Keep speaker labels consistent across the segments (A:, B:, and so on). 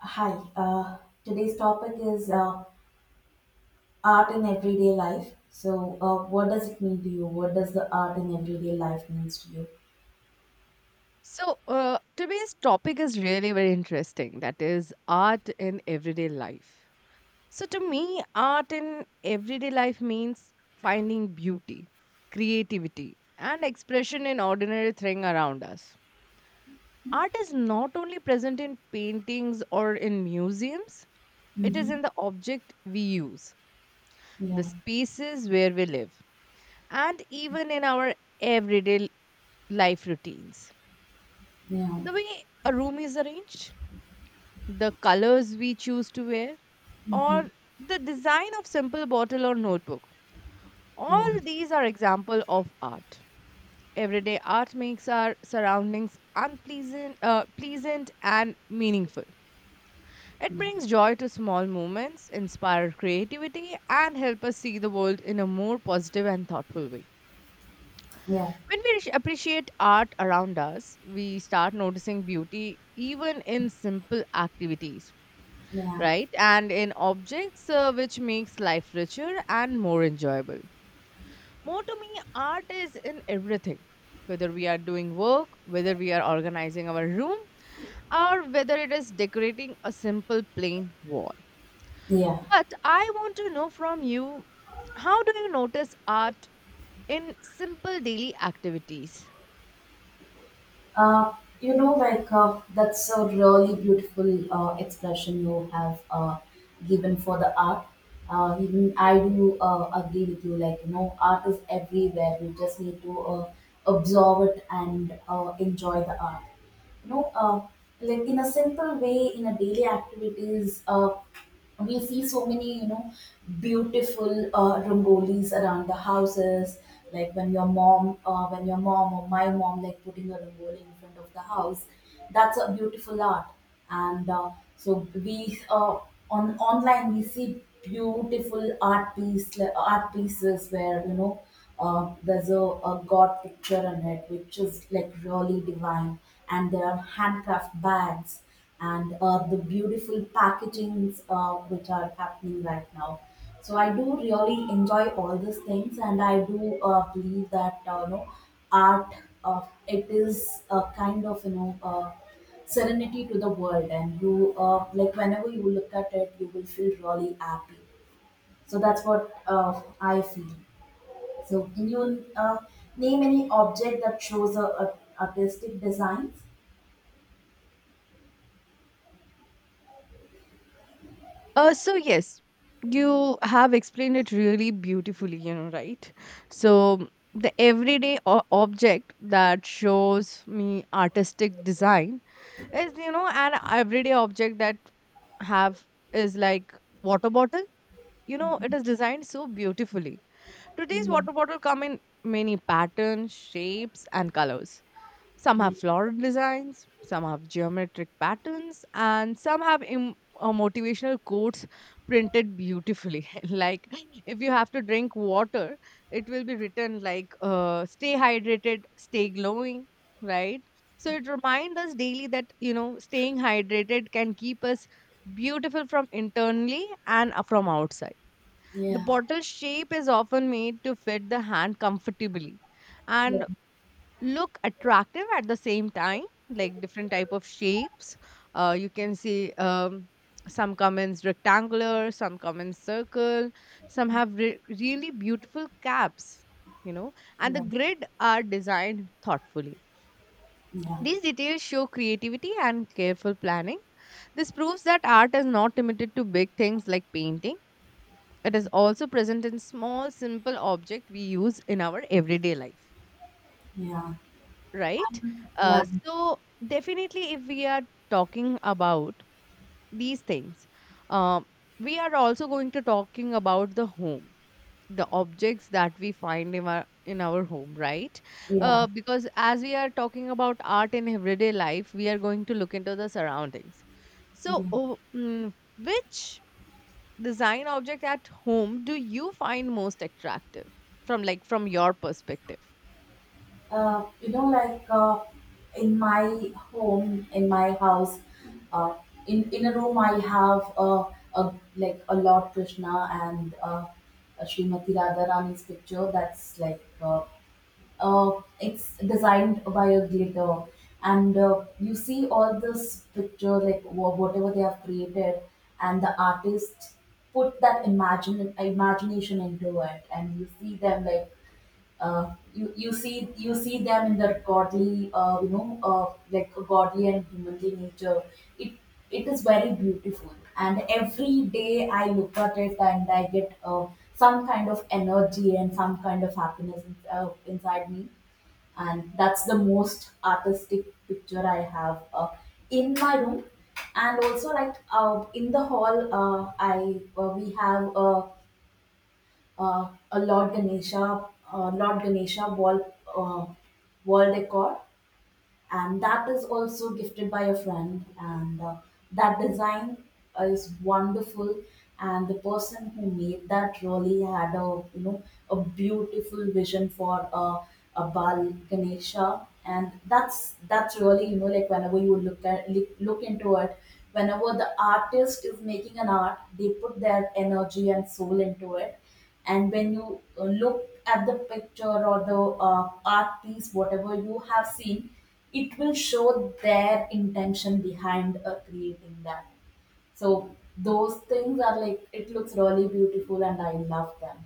A: Hi, uh, today's topic is art in everyday life. So, what does it mean to you? What does the art in everyday life means to you?
B: Today's topic is really very interesting. That is art in everyday life. So, to me, art in everyday life means finding beauty, creativity, and expression in ordinary thing around us. Art is not only present in paintings or in museums, it is
A: Mm-hmm.
B: in the object we use, the
A: Yeah,
B: spaces where we live, and even in our everyday life routines.
A: yeah,
B: The way a room is arranged the colors we choose to wear,
A: mm-hmm,
B: or the design of simple bottle or notebook.
A: yeah,
B: All these are example of art. Everyday art makes our surroundings pleasant and meaningful. It
A: mm,
B: brings joy to small moments, inspire creativity, and help us see the world in a more positive and thoughtful way.
A: yeah,
B: When we appreciate art around us, we start noticing beauty even in simple activities,
A: yeah,
B: right? And in objects, which makes life richer and more enjoyable. More to me, art is in everything. Whether we are doing work, whether we are organizing our room, or whether it is decorating a simple plain wall.
A: yeah.
B: But I want to know from you, how do you notice art in simple daily activities?
A: Uh, you know, that's a really beautiful expression you have given for the art. Even I do agree with you. Like you know, art is everywhere. We just need to observe it and enjoy the art. You know, like in a simple way, in a daily activities. We see so many you know beautiful rangolis around the houses like when your mom or my mom like putting a rangoli in front of the house, that's a beautiful art. And so we uh, on online we see beautiful art pieces where you know there's a god picture on it which is like really divine, and there are handcraft bags, and the beautiful packagings which are happening right now. So I do really enjoy all these things, and I do believe that you know, art, it is a kind of you know serenity to the world, and you like whenever you look at it, you will feel really happy. So that's what I feel. So can you name any object that shows a artistic designs?
B: So yes, you have explained it really beautifully, you know, right? So the everyday object that shows me artistic design is, you know, an everyday object that have is like water bottle. You know, it is designed so beautifully. Today's
A: Yeah.
B: water bottle come in many patterns, shapes, and colors some have floral designs, some have geometric patterns, and some have motivational quotes printed beautifully. Like, if you have to drink water, it will be written like, stay hydrated, stay glowing, right? So it reminds us daily that, you know, staying hydrated can keep us beautiful from internally and from outside. The
A: Yeah.
B: bottle shape is often made to fit the hand comfortably. And
A: Yeah.
B: look attractive at the same time like different type of shapes you can see some come in rectangular some come in circle some have really beautiful caps, you know, and the
A: Yeah,
B: grid are designed thoughtfully.
A: yeah,
B: These details show creativity and careful planning. This proves that art is not limited to big things like painting. It is also present in small simple objects we use in our everyday life,
A: yeah.
B: right?
A: And
B: Uh,
A: yeah,
B: so definitely, if we are talking about these things, um, we are also going to talking about the home, the objects that we find in our home, right?
A: yeah,
B: Because as we are talking about art in everyday life, we are going to look into the surroundings. So,
A: yeah.
B: oh, mm, which design object at home do you find most attractive from like from your perspective?
A: You know, in my home, in my house, uh, in a room, I have a like a Lord Krishna and a Srimati Radharani's picture. That's it's designed by a glitter, and you see all this picture whatever they have created, and the artist put that imagine imagination into it, and you see them like you see them in their godly like a godly and humanly nature. it it is very beautiful, and every day I look at it and I get some kind of energy and some kind of happiness inside me, and that's the most artistic picture I have in my room. And also, in the hall, I we have a Lord Ganesha, Lord Ganesha wall decor, and that is also gifted by a friend, and that design is wonderful, and the person who made that really had a you know a beautiful vision for a bal ganesha, and that's really you know like whenever you look at look look into it. Whenever the artist is making an art, they put their energy and soul into it, and when you look at the picture or the art piece whatever you have seen, it will show their intention behind creating that. So those things are like it looks really beautiful, and I love them.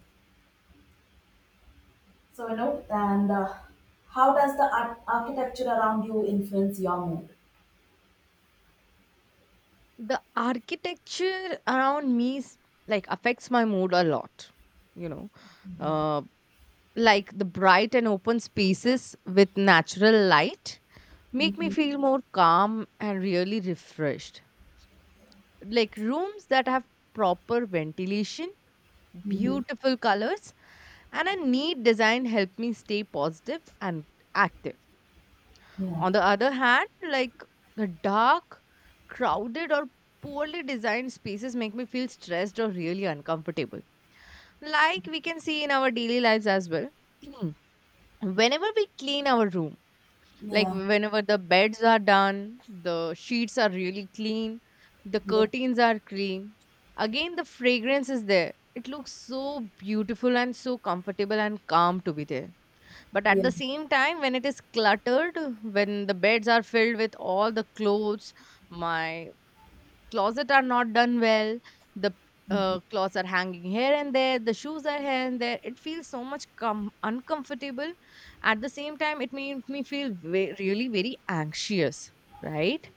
A: So you know, and how does the architecture around you influence your mood?
B: The architecture around me is, like affects my mood a lot, you know. Uh, like the bright and open spaces with natural light make me
A: Hmm,
B: feel more calm and really refreshed. Like rooms that have proper ventilation,
A: hmm,
B: beautiful colors, and a neat design help me stay positive and active.
A: yeah,
B: On the other hand, like the dark, crowded, or poorly designed spaces make me feel stressed or really uncomfortable. Like we can see in our daily lives as well. Whenever we clean our room, like
A: yeah,
B: whenever the beds are done, the sheets are really clean, the
A: yeah,
B: curtains are clean, again, the fragrance is there. It looks so beautiful and so comfortable and calm to be there, but at the
A: yeah,
B: same time, when it is cluttered, when the beds are filled with all the clothes, my closet are not done well, the clothes are hanging here and there, the shoes are here and there. It feels so much uncomfortable. At the same time, it made me feel really very anxious, right?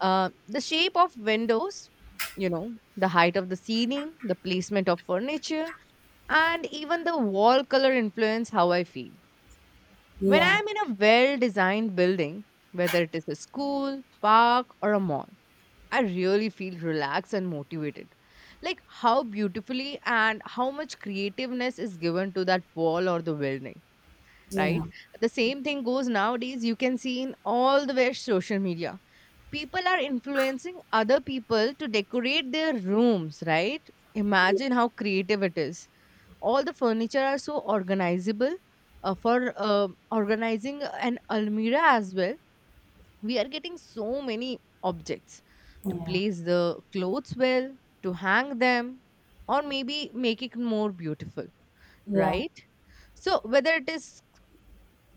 B: The shape of windows, you know, the height of the ceiling, the placement of furniture, and even the wall color influence how I feel when
A: yeah,
B: I'm in a well designed building, whether it is a school, park, or a mall, I really feel relaxed and motivated. Like how beautifully and how much creativeness is given to that wall or the building,
A: yeah,
B: right? The same thing goes nowadays, you can see in all the way social media. People are influencing other people to decorate their rooms, right? Imagine how creative it is. All the furniture are so organizable for organizing an almirah as well, we are getting so many objects to
A: yeah,
B: place the clothes well, to hang them, or maybe make it more beautiful, right? So whether it is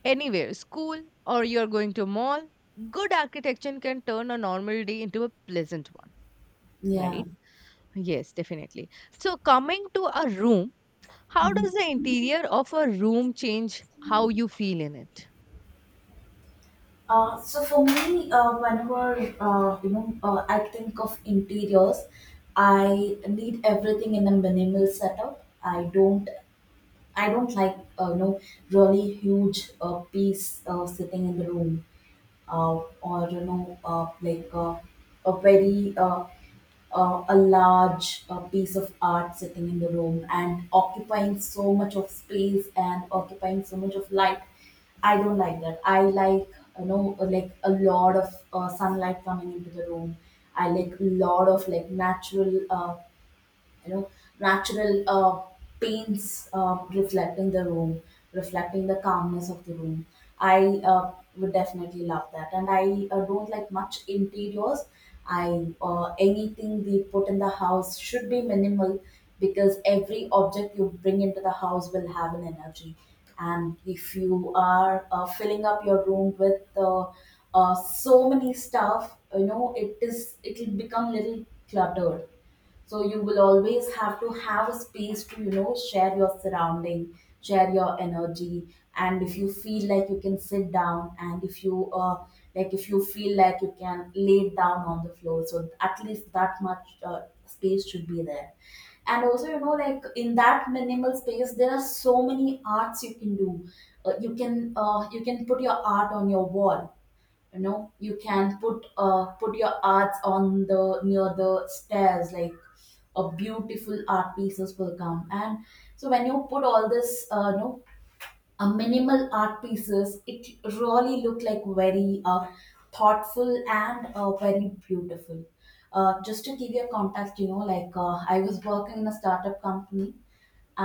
B: anywhere school or you're going to a mall, good architecture can turn a normal day into a pleasant one,
A: yeah,
B: right? Yes, definitely. So coming to a room, how
A: yeah.
B: does the interior of a room change how you feel in it?
A: So for me, whenever I think of interiors, I need everything in a minimal setup. I don't like you know, really huge piece sitting in the room, or you know a very a large piece of art sitting in the room and occupying so much of space and occupying so much of light. I don't like that. I like you know like a lot of sunlight coming into the room. I like a lot of like natural you know natural paints reflecting the room, reflecting the calmness of the room. I uh, would definitely love that, and I don't like much interiors. I Anything we put in the house should be minimal, because every object you bring into the house will have an energy, and if you are filling up your room with uh, so many stuff you know, it will become little cluttered. So you will always have to have a space to you know share your surrounding, share your energy, and if you feel like you can sit down, and if you if you feel like you can lay down on the floor, so at least that much space should be there. And also you know like in that minimal space there are so many arts you can do. You can put your art on your wall. You know, you can put your arts on the near the stairs like a beautiful art pieces will come. And so when you put all this minimal art pieces, it really look like very thoughtful and very beautiful. Just to give you a context, you know, I was working in a startup company,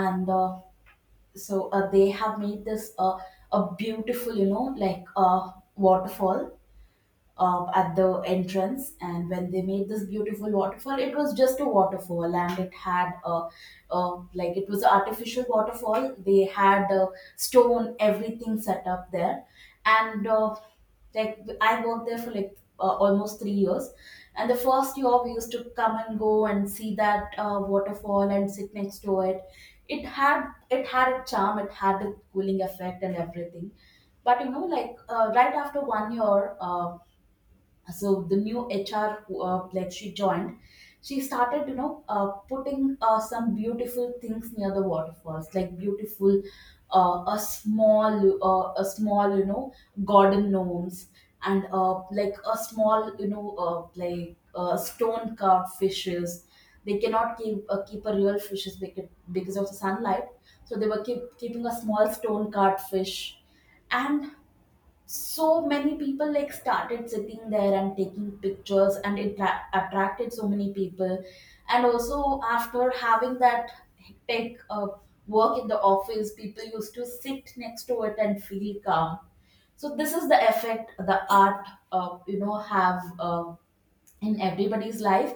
A: and they have made this a beautiful you know waterfall at the entrance. And when they made this beautiful waterfall, it was just a waterfall, and it had like it was an artificial waterfall. They had stone everything set up there, and like I worked there for like almost 3 years, and the first year we used to come and go and see that waterfall and sit next to it. It had a charm, it had a cooling effect and everything. But you know right after one year, the new HR who, like she joined, she started you know putting some beautiful things near the waterfalls, like beautiful a small you know garden gnomes, and a small you know stone carved fishes. They cannot keep a real fishes because of the sunlight, so they were keeping a small stone carved fish. And so many people like started sitting there and taking pictures, and it attracted so many people. And also after having that hectic work in the office, people used to sit next to it and feel calm. So this is the effect the art have in everybody's life,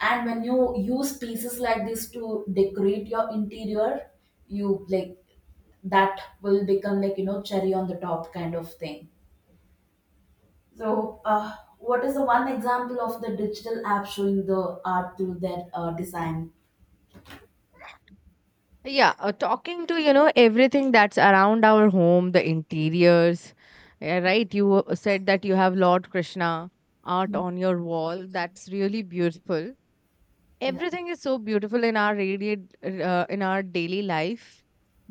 A: and when you use pieces like this to decorate your interior, you like that will become like you know cherry on the top kind of thing. So, what is the one example of the digital app showing the art through that design?
B: Yeah, talking to you know everything that's around our home, the interiors. Yeah, right. You said that you have Lord Krishna art
A: Mm,
B: on your wall. That's really beautiful.
A: yeah,
B: Everything is so beautiful in our radiate in our daily life,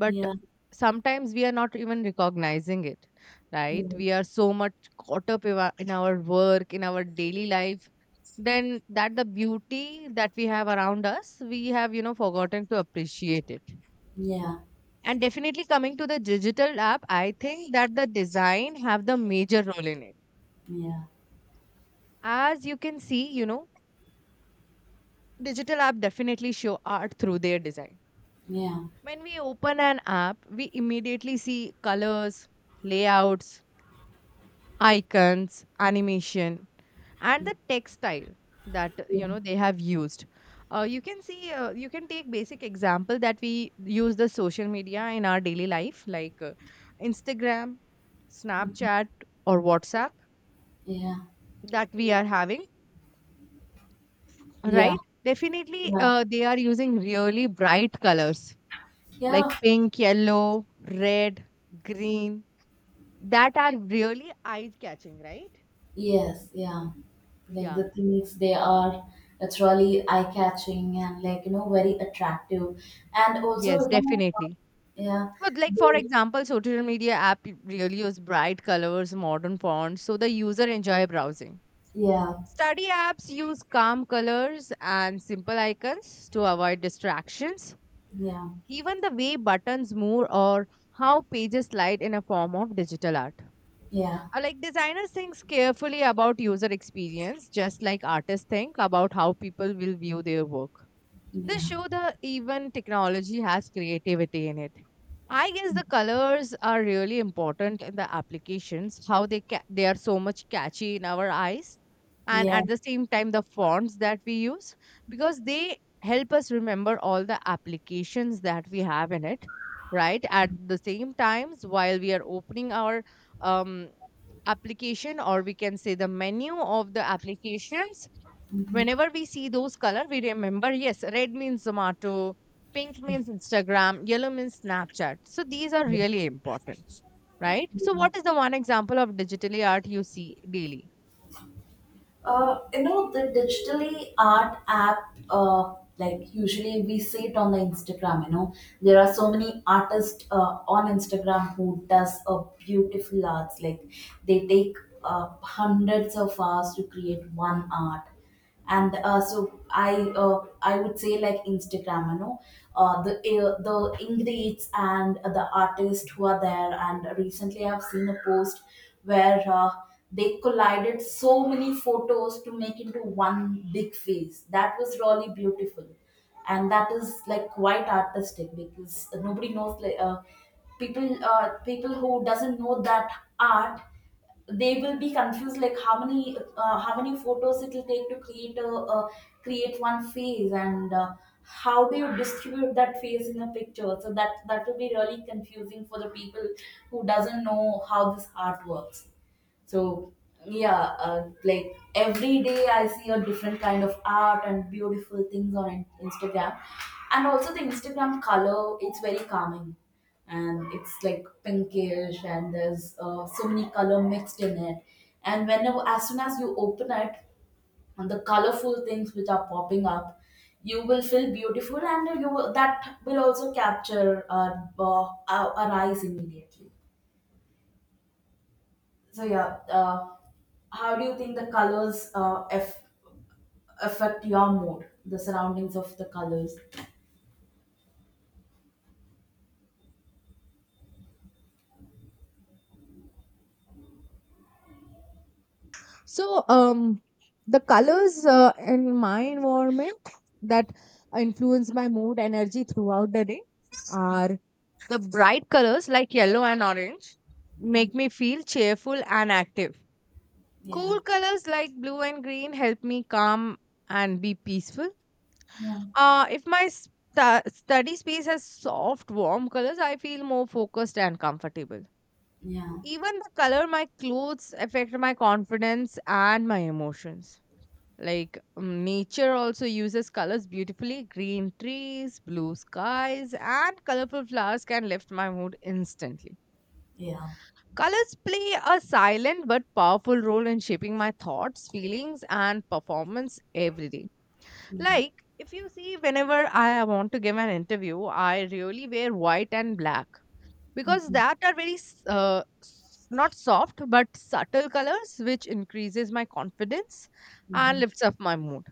B: but
A: yeah,
B: sometimes we are not even recognizing it, right?
A: mm,
B: We are so much caught up in our work in our daily life, then that the beauty that we have around us we have, you know, forgotten to appreciate it.
A: yeah,
B: And definitely coming to the digital app, I think that the design have the major role in it.
A: yeah,
B: As you can see, you know, digital app definitely show art through their design.
A: yeah,
B: When we open an app, we immediately see colors, layouts, icons, animation, and
A: yeah,
B: the textile that
A: yeah,
B: you know they have used. You can see, you can take basic example that we use the social media in our daily life, like Instagram,
A: mm,
B: Snapchat, or WhatsApp
A: yeah,
B: that we are having,
A: yeah,
B: right? Definitely,
A: yeah,
B: they are using really bright colors like
A: yeah,
B: pink, yellow, red, green that are really eye catching, right?
A: yes, yeah. Like
B: Yeah.
A: the things they are, it's really eye catching and like you know very attractive, and also
B: Yes,
A: you know,
B: definitely.
A: yeah,
B: But like for
A: they,
B: example, social media app really use bright colors, modern fonts, so the user enjoy browsing.
A: yeah,
B: Study apps use calm colors and simple icons to avoid distractions.
A: yeah,
B: Even the way buttons move or how pages slide in a form of digital art.
A: yeah,
B: Like designers think carefully about user experience, just like artists think about how people will view their work. This
A: yeah,
B: show that even technology has creativity in it. I guess the colors are really important in the applications, how they they are so much catchy in our eyes, and
A: yeah,
B: at the same time the fonts that we use because they help us remember all the applications that we have in it, right? At the same times while we are opening our um, application or we can say the menu of the applications,
A: mhm,
B: whenever we see those color we remember yes, red means Zomato, pink means Instagram, yellow means Snapchat, so these are really important, right? So
A: yeah.
B: what is the one example of digitally art you see daily?
A: You know, the digitally art app, like usually we see it on the Instagram, you know, there are so many artists on Instagram who does a beautiful arts. Like they take hundreds of hours to create one art, and i I would say like Instagram, you know, the ingrates and the artists who are there. And recently I've seen a post where they collided so many photos to make into one big face. That was really beautiful, and that is like quite artistic because nobody knows like people who doesn't know that art, they will be confused like how many photos it will take to create a create one face. And how do you distribute that face in a picture, so that that will be really confusing for the people who doesn't know how this art works. So yeah, like every day I see a different kind of art and beautiful things on Instagram, and also the Instagram color. It's very calming, and it's like pinkish, and there's so many color mixed in it. And whenever, as soon as you open it, and the colorful things which are popping up, you will feel beautiful, and you will, that will also capture our our eyes immediately. So yeah, how do you think the colors affect your mood? The surroundings of the colors.
B: So, um, the colors in my environment that influence my mood energy throughout the day are the bright colors like yellow and orange make me feel cheerful and active.
A: Yeah,
B: Cool colors like blue and green help me calm and be peaceful.
A: yeah,
B: If my study space has soft, warm colors, I feel more focused and comfortable.
A: yeah,
B: Even the color my clothes affect my confidence and my emotions. Like nature also uses colors beautifully. Green trees, blue skies, and colorful flowers can lift my mood instantly.
A: yeah.
B: Colors play a silent but powerful role in shaping my thoughts, feelings, and performance every day.
A: Mm.
B: Like, if you see, whenever I want to give an interview, I really wear white and black because
A: Mm-hmm.
B: that are very not soft but subtle colors, which increases my confidence and
A: Mm-hmm.
B: lifts up my mood.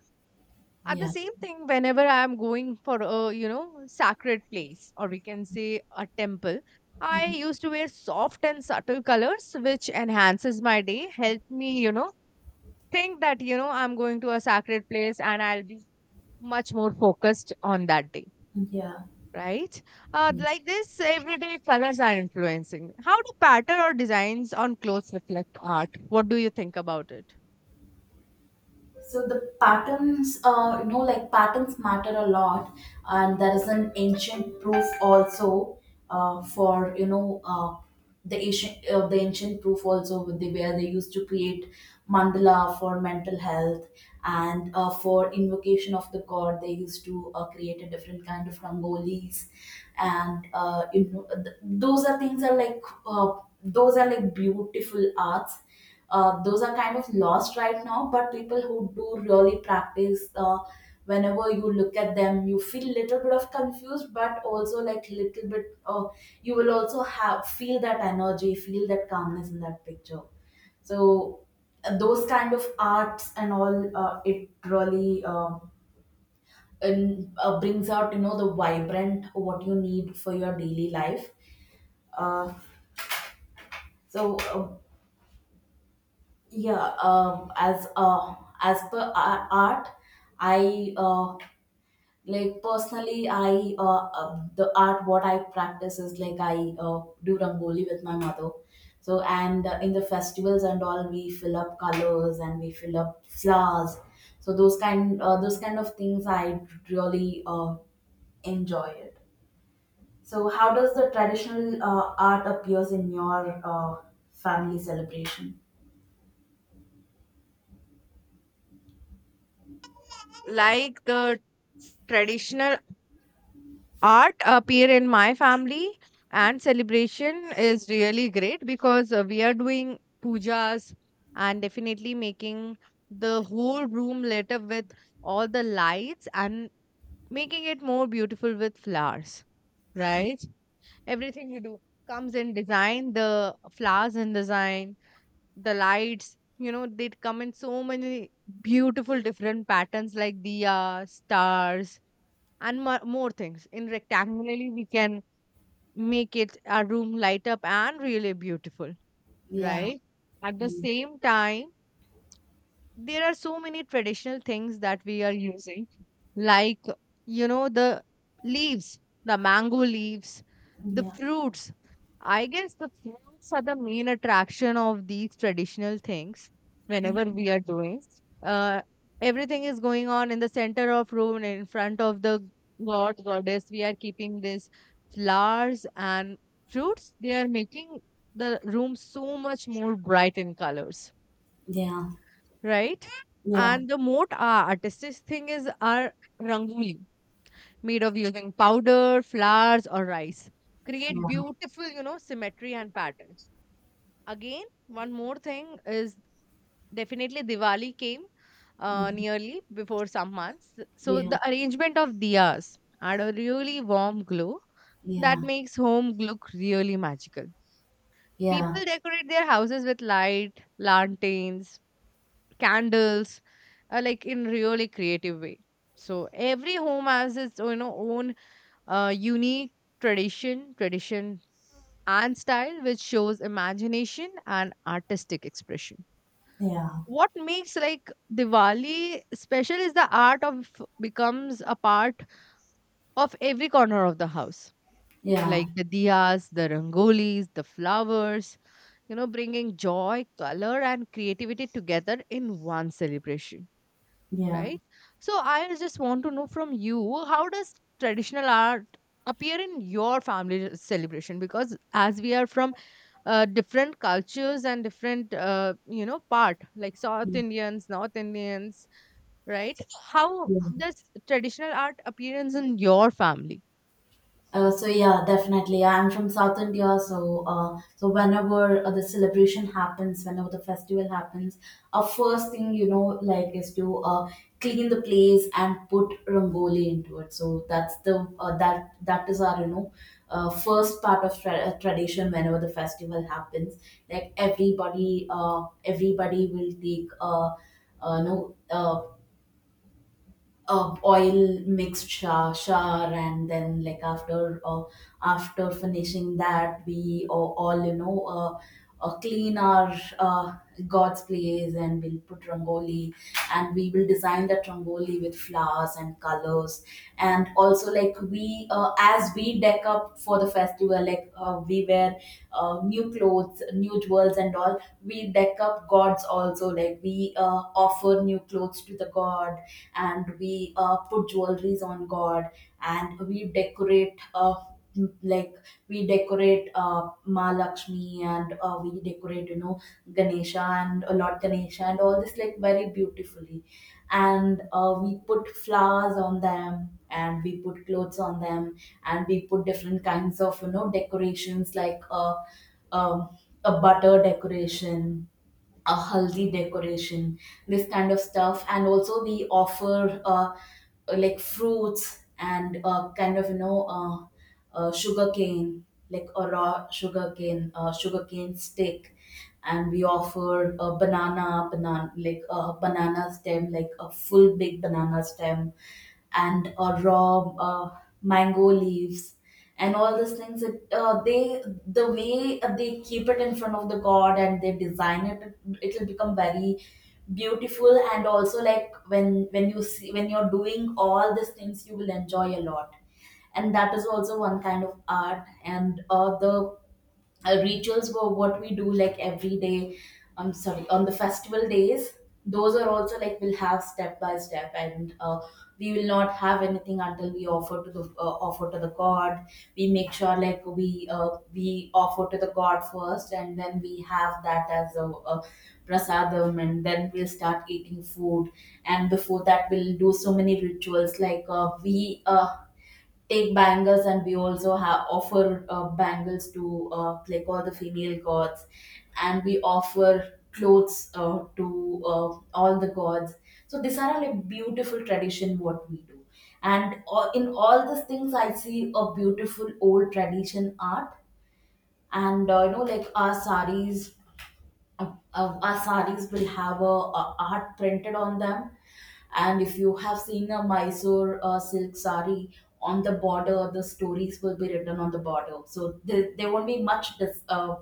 B: At the
A: Yeah.
B: same thing whenever I am going for a, you know, sacred place or we can say a temple, I
A: Mm-hmm.
B: used to wear soft and subtle colors which enhances my day, help me, you know, think that, you know, I'm going to a sacred place and I'll be much more focused on that day,
A: Mm-hmm. Yeah.
B: right? Uh, like this everyday colors are influencing, how do pattern or designs on clothes reflect art, what do you think about it?
A: So the patterns, you know, like patterns matter a lot, and there is an ancient proof also for you know the ancient proof also with the where they used to create mandala for mental health, and for invocation of the god. They used to create a different kind of rangolis, and you know those are things are like those are like beautiful arts. Those are kind of lost right now, but people who do really practice, whenever you look at them you feel little bit of confused but also like little bit, you will also have feel that energy, feel that calmness in that picture. So those kind of arts and all, it really, and, brings out you know the vibrant what you need for your daily life. uh, so uh, yeah, as per art, I like personally I the art what I practice is like I do rangoli with my mother. So and in the festivals and all we fill up colors and we fill up flowers. So those kind of things I really enjoy it. So how does the traditional art appears in your family celebration?
B: Like the traditional art appear in my family and celebration is really great because we are doing pujas and definitely making the whole room lit up with all the lights and making it more beautiful with flowers, right? Everything you do comes in design, the flowers in design, the lights, you know, they come in so many beautiful different patterns like diya, stars, and more things in rectangularly we can make it our room light up and really beautiful,
A: Yeah,
B: right? At the same time, there are so many traditional things that we are using like you know the leaves, the mango leaves, the
A: yeah.
B: fruits. I guess the fruits are the main attraction of these traditional things
A: Yeah.
B: whenever we are doing. uh Everything is going on in the center of room and in front of the god goddess we are keeping these flowers and fruits. They are making the room so much more bright in colors,
A: Yeah.
B: right?
A: Yeah.
B: And the most artistic thing is our rangoli, made of using powder, flowers, or rice. Create
A: Yeah.
B: beautiful, you know, symmetry and patterns. Again, one more thing is definitely Diwali came
A: Mhm.
B: nearly before some months. So
A: Yeah.
B: the arrangement of diyas had a really warm glow that
A: Yeah.
B: makes home look really magical.
A: Yeah.
B: People decorate their houses with light, lanterns, candles, like in really creative way, so every home has its you know own unique tradition and style, which shows imagination and artistic expression.
A: Yeah.
B: What makes like Diwali special is the art of becomes a part of every corner of the house,
A: Yeah.
B: like the diyas, the rangolis, the flowers, you know, bringing joy, color and creativity together in one celebration,
A: Yeah.
B: right? So I just want to know from you, how does traditional art appear in your family celebration? Because as we are from different cultures and different you know part, like South
A: Mm.
B: Indians, North Indians, right? How
A: Yeah.
B: does traditional art appearance in your family?
A: So yeah, definitely. Yeah, I'm from South India, so so whenever the celebration happens, whenever the festival happens, our first thing you know like is to clean the place and put rangoli into it. So that's the that is our you know first part of tradition. Whenever the festival happens, like everybody will take no oil mixed shower, and then like after after finishing that we all you know clean our god's place, and we'll put rangoli, and we will design that rangoli with flowers and colors. And also like we as we deck up for the festival, like we wear new clothes, new jewels, and all we deck up gods also. Like we offer new clothes to the god, and we put jewelries on god, and we decorate m- like we decorate Ma Lakshmi, and we decorate you know Ganesha, and a lot Ganesha and all this like very beautifully. And we put flowers on them, and we put clothes on them, and we put different kinds of you know decorations like um, a butter decoration, a haldi decoration, this kind of stuff. And also we offer like fruits, and kind of you know sugarcane, like a raw sugarcane, sugarcane stick, and we offer a banana, like a banana stem, like a full big banana stem, and a raw mango leaves. And all these things, it, they the way they keep it in front of the god and they design it, it will become very beautiful. And also like when you see when you're doing all these things, you will enjoy a lot. And that is also one kind of art. And the rituals were what we do like every day, I'm sorry, on the festival days, those are also like we'll have step by step. And we will not have anything until we offer to the god. We make sure like uh, we offer to the god first, and then we have that as a prasadam, and then we'll start eating food. And before that we'll do so many rituals like we uh, take bangles, and we also have offer bangles to like all the female gods, and we offer clothes to all the gods. So these are all a beautiful tradition what we do. And in all these things I see a beautiful old tradition art. And you know like our saris our sarees will have a art printed on them. And if you have seen a mysore silk saree, on the border the stories will be written on the border. So there won't be much dis- uh,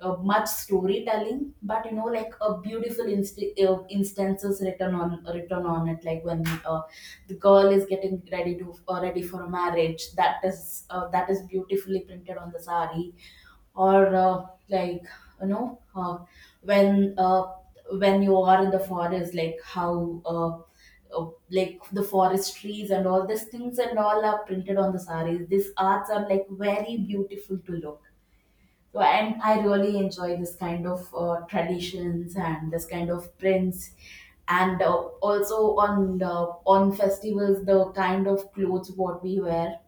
A: uh, much storytelling, but you know like a beautiful instances written on written on it, like when the girl is getting ready to ready for a marriage, that is beautifully printed on the saree. Or like you know when uh, when you are in the forest, like how like the forest trees and all these things and all are printed on the saris. These arts are like very beautiful to look. So and I really enjoy this kind of traditions and this kind of prints. And also on on festivals the kind of clothes what we wear,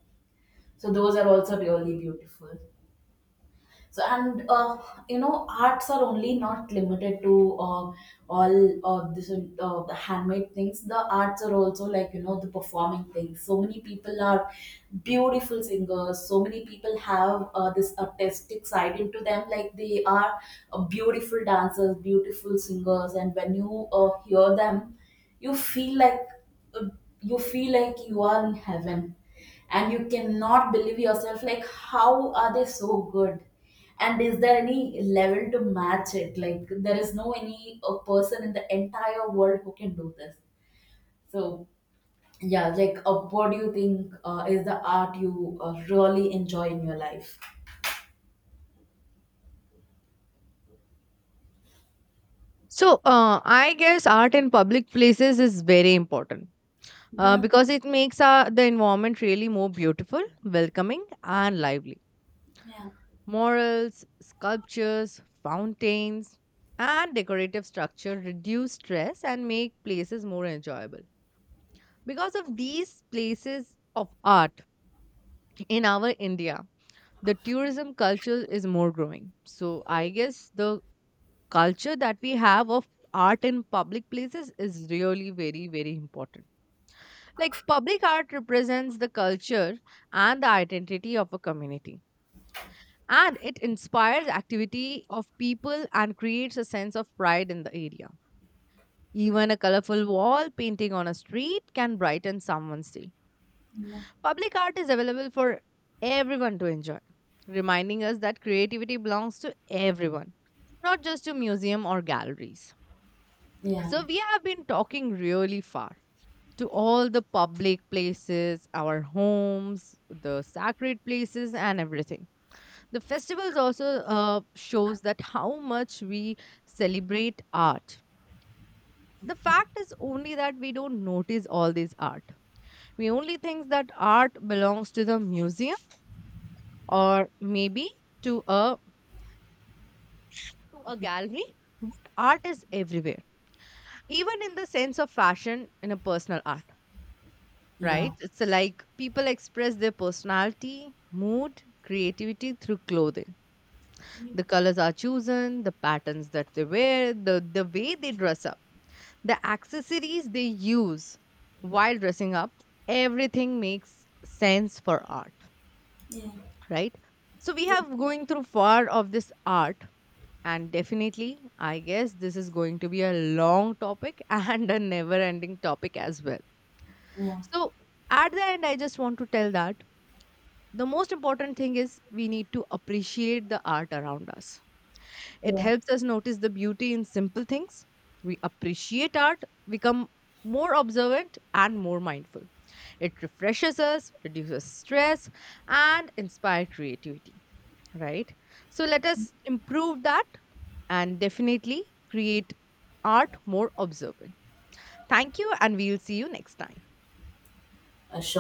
A: so those are also really beautiful. So and you know arts are only not limited to all of this the handmade things. The arts are also like you know the performing things. So many people are beautiful singers, so many people have this artistic side into them, like they are beautiful dancers, beautiful singers. And when you hear them, you feel like uh, you feel like you are in heaven, and you cannot believe yourself like how are they so good, and is there any level to match it, like there is no any person in the entire world who can do this. So yeah, like what do you think is the art you really enjoy in your life?
B: So, I guess art in public places is very important
A: Yeah,
B: because it makes the environment really more beautiful, welcoming, and lively.
A: yeah,
B: Morals, sculptures, fountains, and decorative structure reduce stress and make places more enjoyable. Because of these places of art in our India, the tourism culture is more growing. So I guess the culture that we have of art in public places is really very very important. Like public art represents the culture and the identity of a community, and it inspires activity of people and creates a sense of pride in the area. Even a colorful wall painting on a street can brighten someone's day.
A: yeah,
B: Public art is available for everyone to enjoy, reminding us that creativity belongs to everyone, not just to museum or galleries.
A: yeah,
B: So we have been talking really far to all the public places, our homes, the sacred places and everything. The festivals also shows that how much we celebrate art. The fact is only that we don't notice all this art. We only think that art belongs to the museum or maybe to a to a gallery. Art is everywhere, even in the sense of fashion in a personal art.
A: yeah,
B: Right? It's like people express their personality, mood, creativity through clothing. The colors are chosen, the patterns that they wear, the way they dress up, the accessories they use while dressing up, everything makes sense for art,
A: yeah, yeah,
B: right? So we have going through far of this art, and definitely I guess this is going to be a long topic and a never ending topic as well.
A: yeah,
B: So at the end I just want to tell that the most important thing is we need to appreciate the art around us. It
A: yeah.
B: helps us notice the beauty in simple things. We appreciate art, become more observant and more mindful. It refreshes us, reduces stress, and inspire creativity, right? So let us improve that and definitely create art more observant. Thank you, and we'll see you next time.
A: Sure.